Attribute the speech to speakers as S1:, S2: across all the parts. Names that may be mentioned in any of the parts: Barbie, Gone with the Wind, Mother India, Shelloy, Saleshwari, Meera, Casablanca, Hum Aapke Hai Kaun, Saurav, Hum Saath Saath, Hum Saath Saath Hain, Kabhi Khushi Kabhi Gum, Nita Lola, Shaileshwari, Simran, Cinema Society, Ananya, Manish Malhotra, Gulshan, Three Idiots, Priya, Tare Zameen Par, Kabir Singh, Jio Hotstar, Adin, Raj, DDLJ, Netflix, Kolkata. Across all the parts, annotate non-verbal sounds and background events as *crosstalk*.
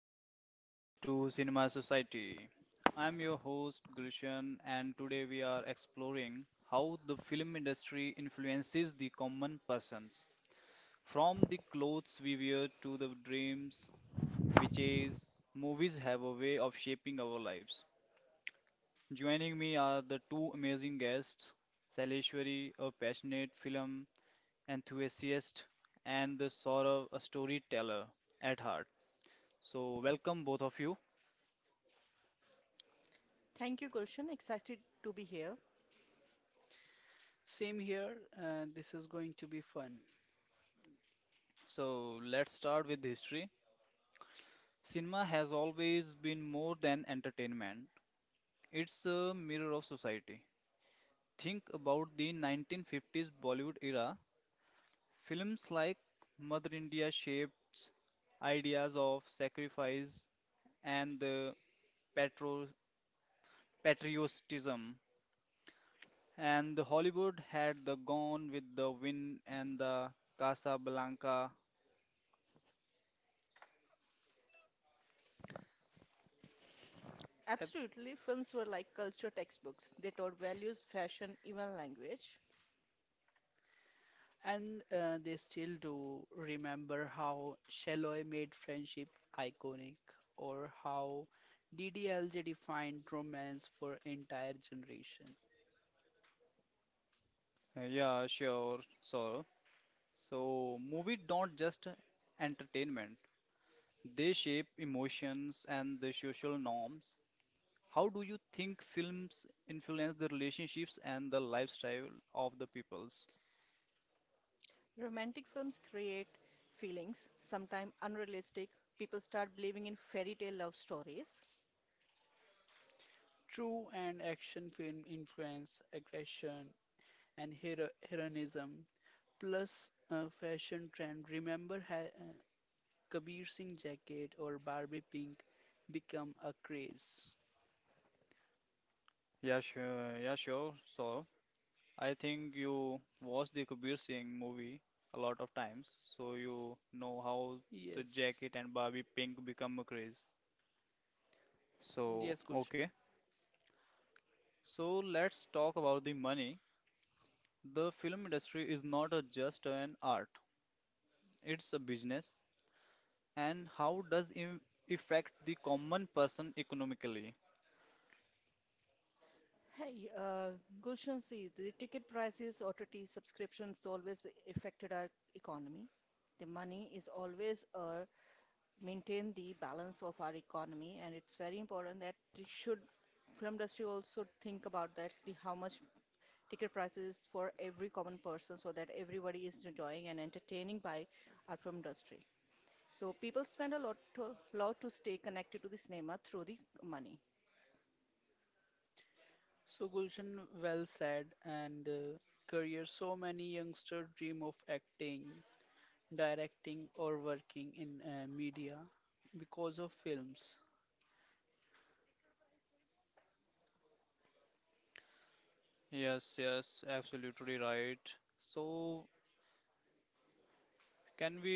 S1: Hello and welcome to Cinema Society. I'm your host Gulshan and today we are exploring how the film industry influences the common persons. From the clothes we wear to the dreams we chase, movies have a way of shaping our lives. Joining me are the two amazing guests, Saleshwari, a passionate film enthusiast, and the Saurav, a storyteller at heart. So welcome both of you.
S2: Thank you, Gulshan. Excited to be here.
S3: Same here, this is going to be fun.
S1: So let's start with history. Cinema has always been more than entertainment, it's a mirror of society. Think about the 1950s Bollywood era. Films like Mother India shaped ideas of sacrifice and the patro- patriotism, and the Hollywood had the Gone with the Wind and the Casablanca.
S3: Yep.
S2: Absolutely, films were like culture textbooks. They taught values, fashion, even language.
S3: And they still do remember how Shelloy made friendship iconic, or how DDLJ defined romance for entire generation.
S1: Yeah, sure, sure. So, movie don't just entertainment. They shape emotions and the social norms. How do you think films influence the relationships and the lifestyle of the peoples?
S2: Romantic films create feelings, sometimes unrealistic. People start believing in fairy tale love stories.
S3: True and action film influence aggression and hero heroism. Plus, fashion trend. Remember, Kabir Singh jacket or Barbie pink become a craze.
S1: Yeah, sure. Yeah, sure. So I think you watched the Kabir Singh movie a lot of times, so you know how the
S3: Yes,
S1: jacket and Barbie pink become a craze. So,
S3: yes, Gulshan.
S1: okay. So let's talk about the money. The film industry is not a just an art, it's a business. And how does it affect the common person economically?
S2: Hey, Gulshan, see, the ticket prices, OTT subscriptions always affected our economy. The money is always maintain the balance of our economy, and it's very important that it should film industry also think about that the how much ticket prices for every common person so that everybody is enjoying and entertaining by our film industry. So people spend a lot to stay connected to the cinema through the money.
S3: So, Gulshan, well said. And career. So many youngsters dream of acting, directing, or working in media because of films.
S1: Yes, yes, absolutely right. So, can we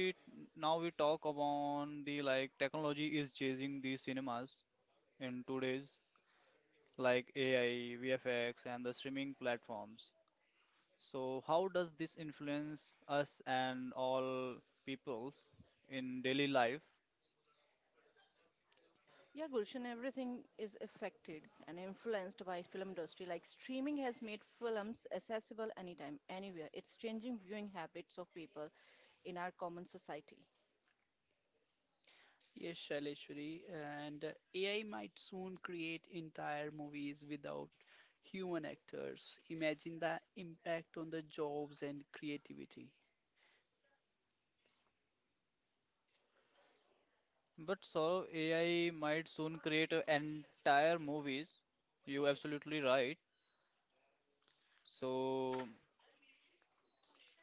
S1: now we talk about the like technology is chasing the cinemas in today's like AI, VFX, and the streaming platforms. So, how does this influence us and all peoples in daily life?
S2: Yeah, Gulshan, everything is affected and influenced by film industry. Like streaming has made films accessible anytime, anywhere. It's changing viewing habits of people in our common society.
S3: Yes, Shaileshwari, and AI might soon create entire movies without human actors. Imagine the impact on the jobs and creativity.
S1: But so AI might soon create a entire movies. You absolutely right. So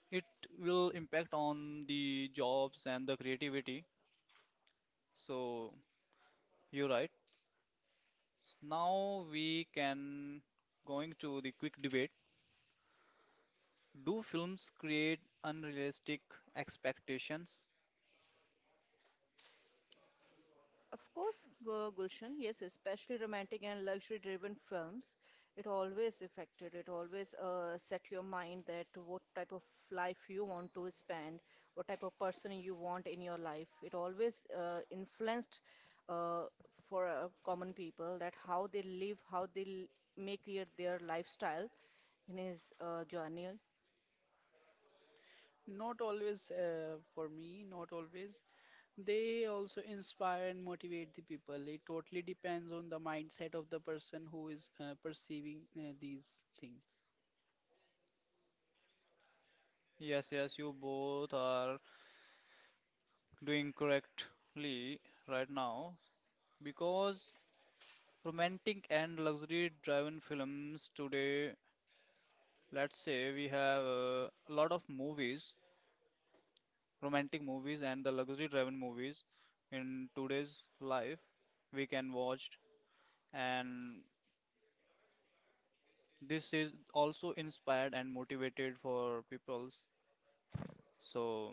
S1: it will impact on the jobs and the creativity. So you're right. Now we can going to the quick debate. Do films create unrealistic expectations?
S2: Of course, Gulshan, yes, especially romantic and luxury-driven films, it always affected. It always set your mind that what type of life you want to spend, what type of person you want in your life. It always influenced uh, for common people that how they live, make their lifestyle in his journey.
S3: Not always, for me, not always. They also inspire and motivate the people. It totally depends on the mindset of the person who is perceiving these things.
S1: Yes, yes, you both are doing correctly right now because romantic and luxury driven films today, let's say we have a lot of movies romantic movies and the luxury driven movies in today's life we can watch and this is also inspired and motivated for peoples, so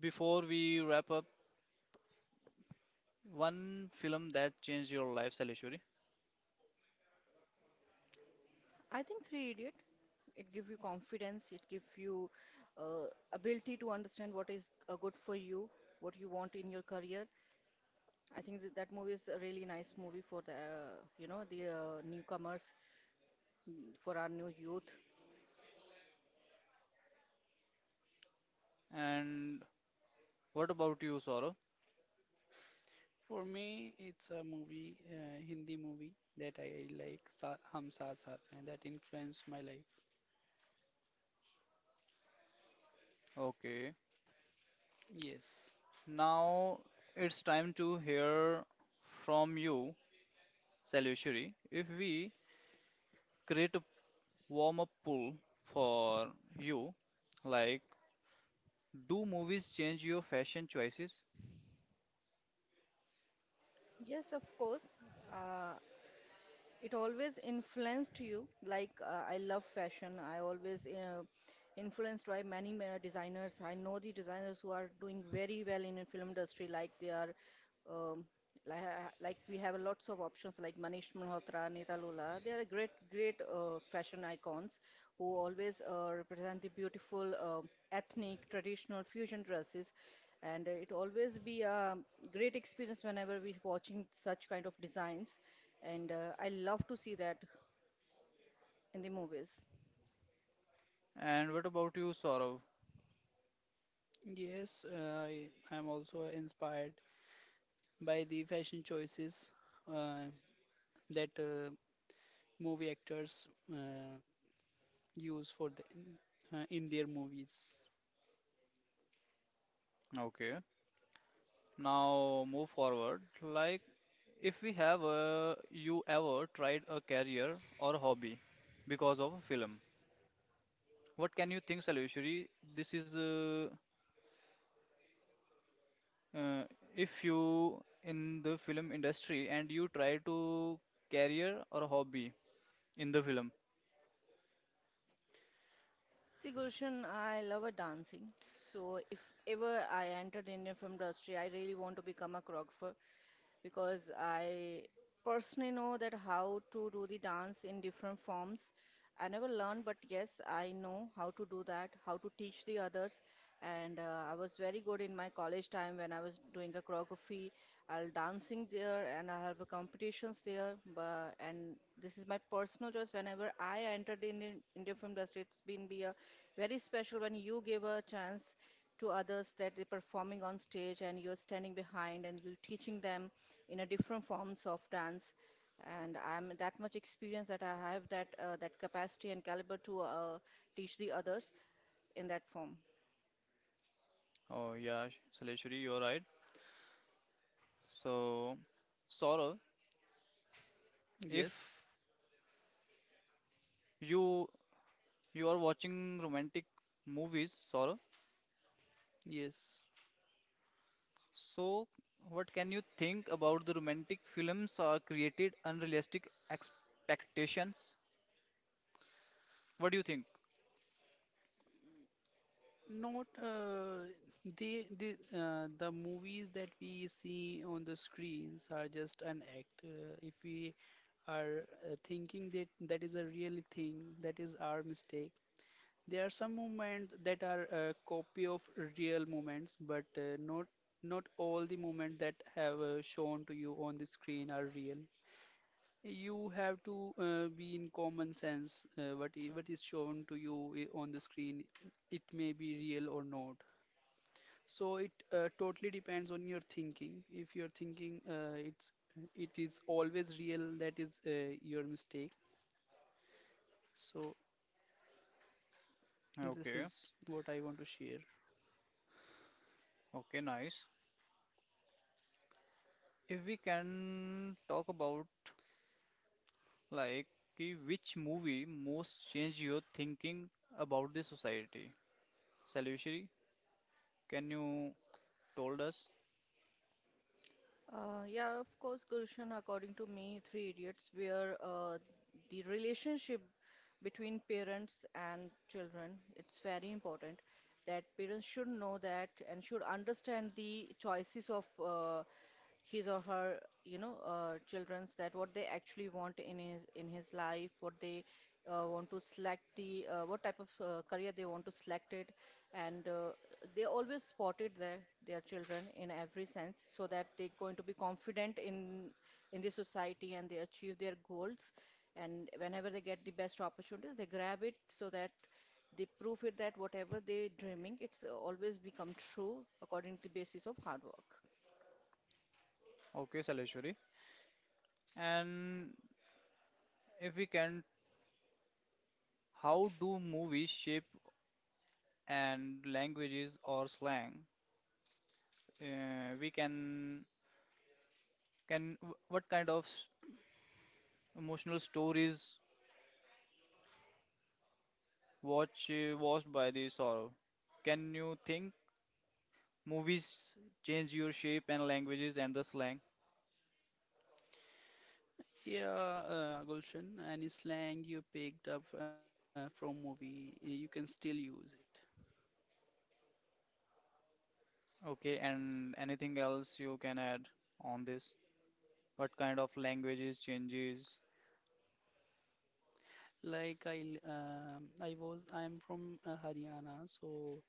S1: before we wrap up, one film that changed your lifestyle, Salishwari?
S2: I think Three Idiot, it gives you confidence, it gives you uh, ability to understand what is good for you, what you want in your career. I think that movie is a really nice movie for the you know the newcomers, for our new youth.
S1: And what about you, Saurabh?
S3: For me, it's a movie, Hindi movie that I like, Hum Saath Saath, and that influenced my life.
S1: Okay,
S3: Yes.
S1: now it's time to hear from you, Salishwari. If we create a warm up pool for you like, do movies change your fashion choices?
S2: Yes, of course. Uh, it always influenced you. Like I love fashion. I always influenced by many designers. I know the designers who are doing very well in the film industry, like they are, um, like, like we have lots of options like Manish Malhotra, Nita Lola. They are great fashion icons who always represent the beautiful ethnic, traditional fusion dresses. And it always be a great experience whenever we're watching such kind of designs. And I love to see that in the movies.
S1: And what about you, Saurav?
S3: Yes, I am also inspired by the fashion choices uh, that movie actors uh, use for the in their movies.
S1: Okay, now move forward. Like, if we have you ever tried a career or hobby because of a film, what can you think, Salveshwari? This is uh, if you in the film industry and you try to career or hobby in the film.
S2: See, Gulshan, I love a dancing. So if ever I entered Indian film industry, I really want to become a choreographer because I personally know that how to do the dance in different forms. I never learned, but yes, I know how to do that, how to teach the others. And I was very good in my college time when I was doing a choreography. I'll dancing there and I have competitions there. But, and this is my personal choice. Whenever I entered in Indian film industry, it's been be a very special when you give a chance to others that they're performing on stage and you're standing behind and you're teaching them in a different forms of dance and I'm that much experience that I have that that capacity and caliber to teach the others in that form.
S1: Oh yeah, Salveshwari, you're right. So, Saurav, if
S3: Yes,
S1: you you are watching romantic movies, Saurabh.
S3: yes.
S1: So, what can you think about the romantic films are created unrealistic expectations? What do you think?
S3: Not they the movies that we see on the screens are just an act. If we are thinking that that is a real thing, that is our mistake. There are some movements that are a copy of real movements, but not all the movements that have shown to you on the screen are real. You have to be in common sense. What is shown to you on the screen, it may be real or not. So it totally depends on your thinking. If you're thinking it is always real, that is your mistake. So this
S1: Okay,
S3: is what I want to share.
S1: okay, nice. If we can talk about like कि which movie most changed your thinking about the society? Salveshri, can you told us?
S2: Yeah, of course, Gulshan, according to me, Three Idiots, where the relationship between parents and children, it's very important that parents should know that and should understand the choices of his or her you know children's that what they actually want in his life, what they want to select the what type of career they want to select it, and they always spotted their children in every sense so that they're going to be confident in the society and they achieve their goals, and whenever they get the best opportunities they grab it so that they prove it that whatever they're dreaming it's always become true according to the basis of hard work.
S1: Okay, Salveshri. And if we can, how do movies shape and languages or slang? We can what kind of emotional stories watch watched by the sorrow? Can you think movies change your shape and languages and the slang?
S3: Yeah, Gulshan, any slang you picked up from movie, you can still use it.
S1: Okay, and anything else you can add on this? What kind of languages changes?
S3: Like I, l- I was, I'm from Haryana, so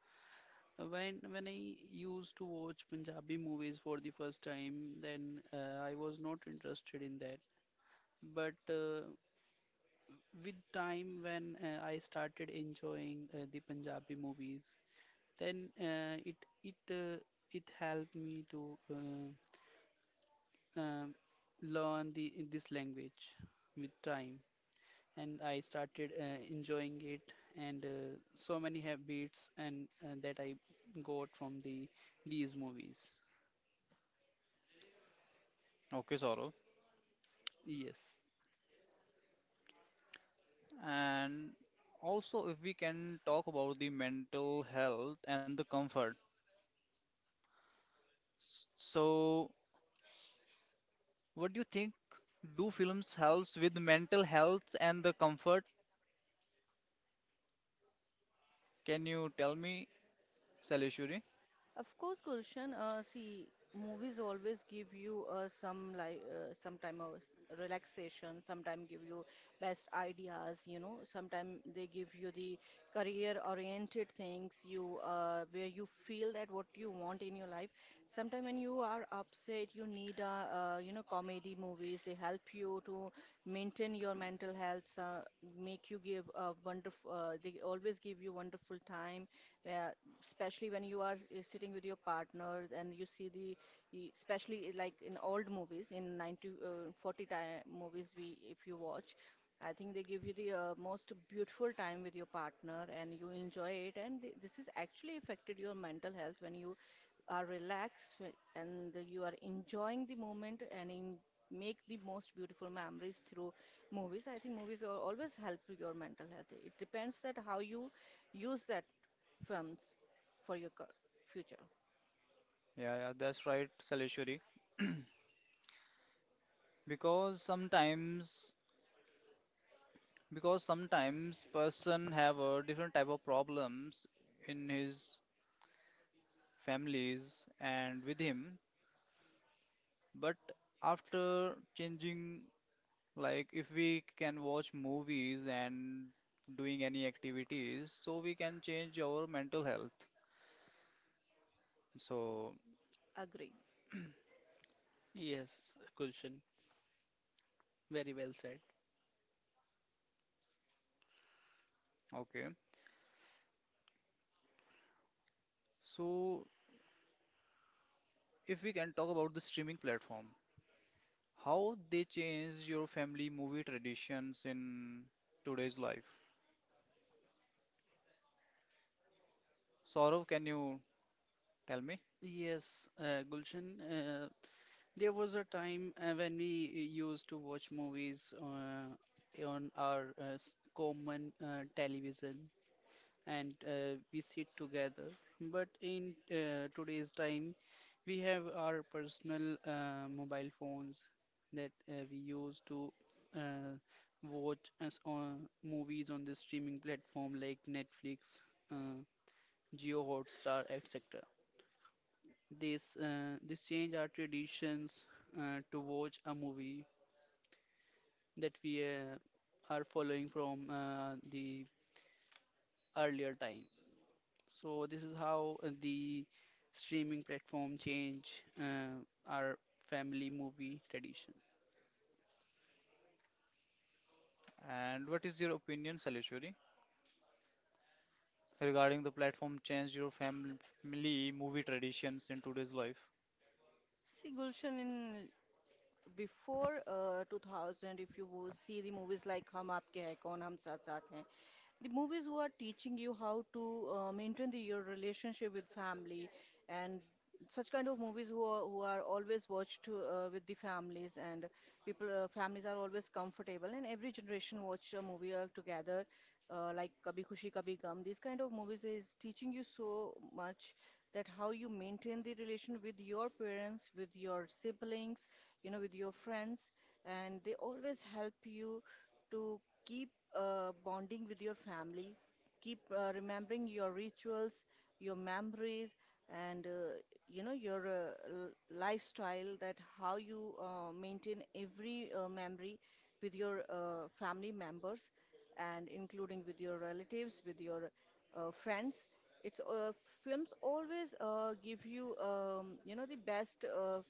S3: when I used to watch Punjabi movies for the first time, then I was not interested in that. But with time, when I started enjoying the Punjabi movies, then it uh, it helped me to. Um, Learn the in this language with time, and I started enjoying it, and so many habits and that I got from the these movies.
S1: Okay, sorrow.
S3: Yes,
S1: And also, if we can talk about the mental health and the comfort. So, what do you think? Do films helps with mental health and the comfort? Can you tell me, Salishuri?
S2: Of course, Gulshan, see, movies always give you some like sometime of relaxation. Sometimes give you best ideas, you know, sometimes they give you the career-oriented things you where you feel that what you want in your life. Sometimes when you are upset, you need a you know comedy movies. They help you to maintain your mental health, make you give a wonderful. They always give you wonderful time where especially when you are sitting with your partner and you see the especially like in old movies in 90 40 time movies we if you watch, I think they give you the most beautiful time with your partner and you enjoy it, and th this is actually affected your mental health when you are relaxed you are enjoying the moment and in, make the most beautiful memories through movies. I think movies are always help to your mental health. It depends that how you use that films for your future.
S1: Yeah, yeah, that's right, Salishuri. *clears throat* because sometimes because sometimes person have a different type of problems in his families and with him, but after changing, like if we can watch movies and doing any activities, so we can change our mental health, so
S2: Agree.
S3: yes, Gulshan, very well said.
S1: okay. So, if we can talk about the streaming platform, how they change your family movie traditions in today's life. Saurav, can you tell me?
S3: Yes, Gulshan. Uh, there was a time when we used to watch movies on our common television, and we sit together. But in today's time, we have our personal mobile phones that we use to uh, watch us on movies on the streaming platform like Netflix, uh, Jio Hotstar, etc. This change our traditions to watch a movie that we are following from the earlier time. So this is how the streaming platform change our family movie tradition.
S1: And what is your opinion, Salishwari, regarding the platform change your family movie traditions in today's life?
S2: See, Gulshan, in before 2000, if you see the movies like Hum Aapke Hai Kaun, Hum Saath Saath Hain, the movies were teaching you how to maintain your relationship with family, and such kind of movies who are always watched with the families, and people families are always comfortable and every generation watch a movie together like Kabhi Khushi Kabhi Gum. These kind of movies is teaching you so much that how you maintain the relation with your parents, with your siblings, you know, with your friends, and they always help you to keep bonding with your family, keep remembering your rituals, your memories, and you know your lifestyle. That how you maintain every memory with your family members, and including with your relatives, with your friends. It's Films always give you you know the best uh, f-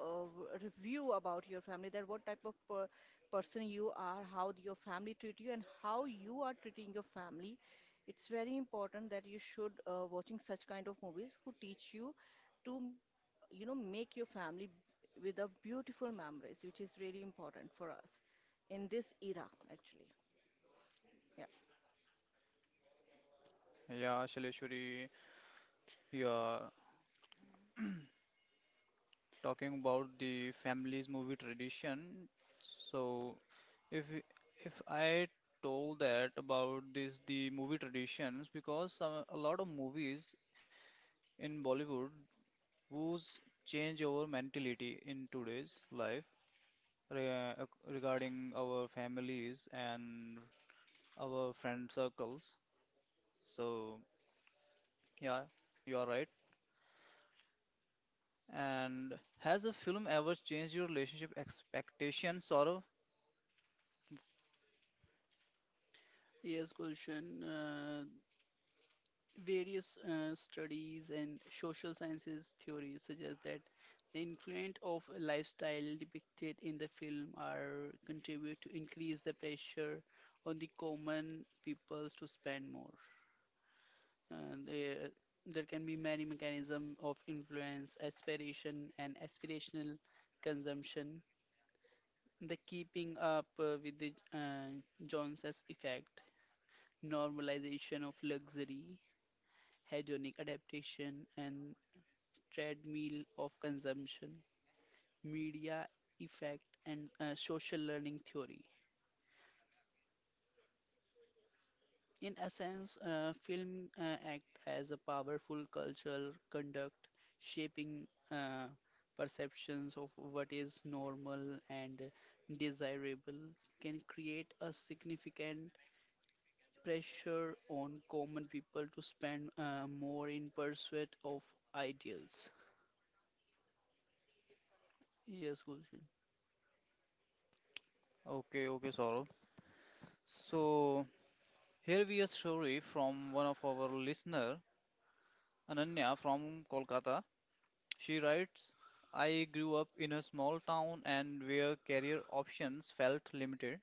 S2: uh, review about your family that what type of person you are, how your family treat you, and how you are treating your family. It's very important that you should watching such kind of movies who teach you to, you know, make your family with a beautiful memories, which is really important for us in this era, actually. Yeah.
S1: Yeah, Salishwari, yeah, talking about the family's movie tradition. So, if if I told that about this the movie traditions, because a lot of movies in Bollywood whose change our mentality in today's life regarding our families and our friend circles. So, yeah, you are right. And has a film ever changed your relationship expectations, Saurav?
S3: Yes, Gulshan, various studies and social sciences theories suggest that the influence of a lifestyle depicted in the film are contribute to increase the pressure on the common peoples to spend more. Uh, there, there can be many mechanisms of influence, aspiration, and aspirational consumption. The keeping up with the Joneses effect, normalization of luxury, hedonic adaptation, and treadmill of consumption, media effect, and social learning theory. In essence, film act as a powerful cultural conduct, shaping perceptions of what is normal and desirable, can create a significant pressure on common people to spend more in pursuit of ideals. Yes, Gulshan.
S1: Okay, okay, Saurav. So here we a story from one of our listener, Ananya from Kolkata. She writes, I grew up in a small town and where career options felt limited.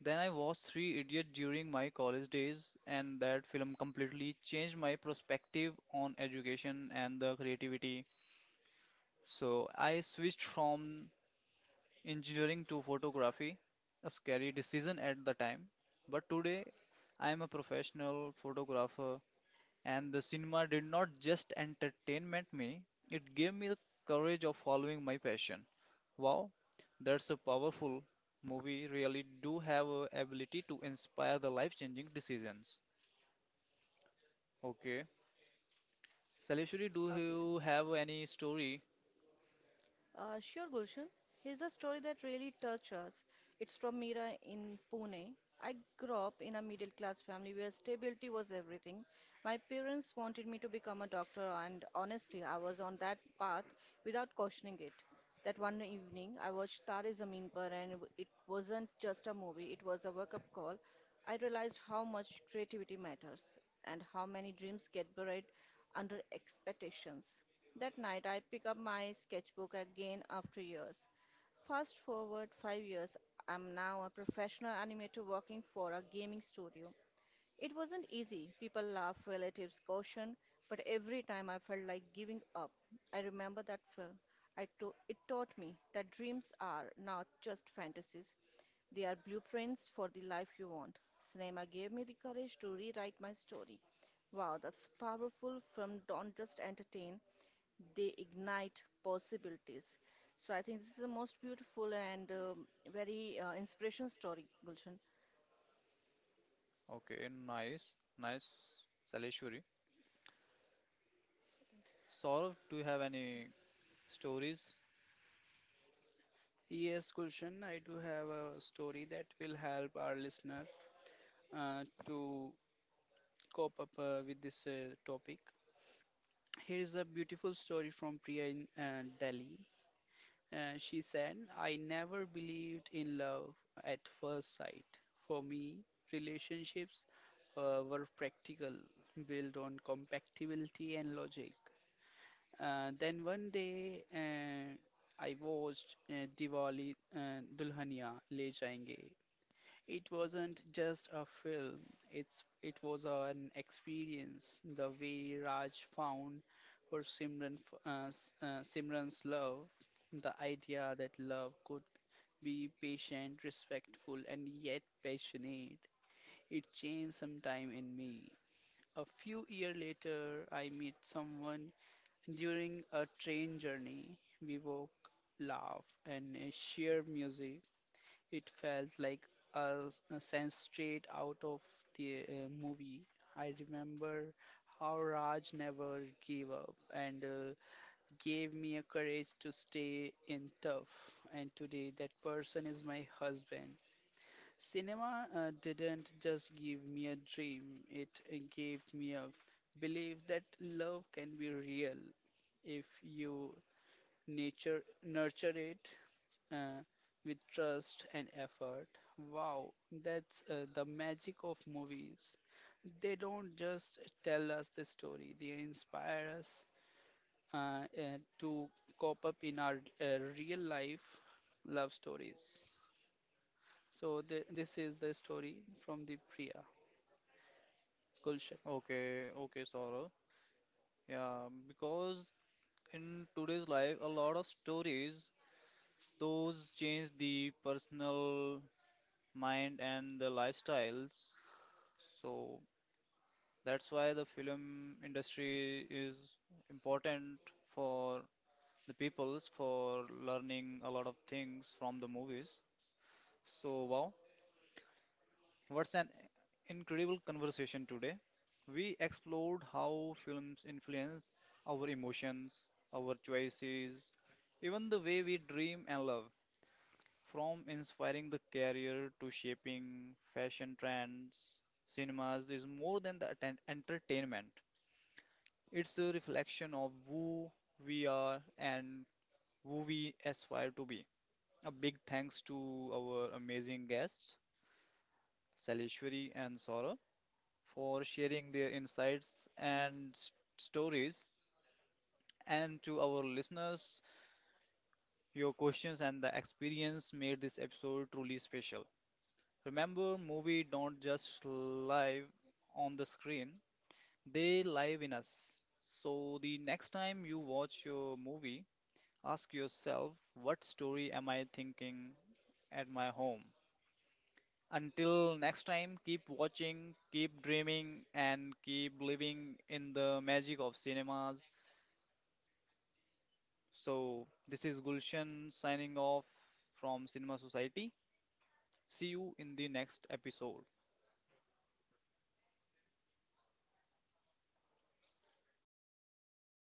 S1: Then I watched Three Idiots during my college days, and that film completely changed my perspective on education and the creativity. So I switched from engineering to photography, a scary decision at the time. But today I am a professional photographer and the cinema did not just entertainment me, it gave me the courage of following my passion. Wow, that's a powerful movie, really do have a ability to inspire the life-changing decisions. Okay. Salishwari, do
S2: Okay.
S1: you have any story?
S2: Sure, Gulshan. Here's a story that really touched us. It's from Meera in Pune. I grew up in a middle class family where stability was everything. My parents wanted me to become a doctor, and honestly, I was on that path without questioning it. That one evening, I watched Tare Zameen Par, and it wasn't just a movie, it was a wake up call. I realized how much creativity matters and how many dreams get buried under expectations. That night, I pick up my sketchbook again after years. Fast forward 5 years, I'm now a professional animator working for a gaming studio. It wasn't easy. People laugh, relatives caution, but every time I felt like giving up, I remember that film. It taught me that dreams are not just fantasies, they are blueprints for the life you want. Cinema gave me the courage to rewrite my story. Wow, that's powerful. Film don't just entertain, they ignite possibilities. So I think this is the most beautiful and very inspiration story, Gulshan.
S1: Okay, nice, nice. Salishwari. Saurav, do you have any stories?
S3: Yes, Gulshan, I do have a story that will help our listener to cope up with this topic. Here is a beautiful story from Priya in Delhi. She said, I never believed in love at first sight. For me, relationships were practical, built on compatibility and logic. Then one day, I watched Diwali Dulhania Le Jayenge. It wasn't just a film, it was an experience. The way Raj found for Simran, Simran's love, the idea that love could be patient, respectful, and yet passionate, it changed some time in me. A few years later, I met someone during a train journey. We walked, laughed, and shared music. It felt like a sense straight out of the movie. I remember how Raj never gave up and gave me a courage to stay in tough. And today, that person is my husband. Cinema didn't just give me a dream, it gave me a belief that love can be real if you nature nurture it uh, with trust and effort. Wow, that's the magic of movies. They don't just tell us the story, they inspire us to cope up in our real life love stories. So, this is the story from the Priya, Gulshan.
S1: Okay, okay, Saurav. Yeah, because in today's life, a lot of stories those change the personal mind and the lifestyles. So that's why the film industry is important for the peoples for learning a lot of things from the movies. So wow, what's an incredible conversation today. We explored how films influence our emotions, our choices, even the way we dream and love. From inspiring the career to shaping fashion trends, cinemas is more than the entertainment. It's a reflection of who we are and who we aspire to be. A big thanks to our amazing guests, Salishwari and Saurabh, for sharing their insights and stories. And to our listeners, your questions and the experience made this episode truly special. Remember, movie don't just live on the screen, they live in us. So, the next time you watch your movie, ask yourself, what story am I thinking at my home? Until next time, keep watching, keep dreaming, and keep living in the magic of cinemas. So, this is Gulshan signing off from Cinema Society. See you in the next episode.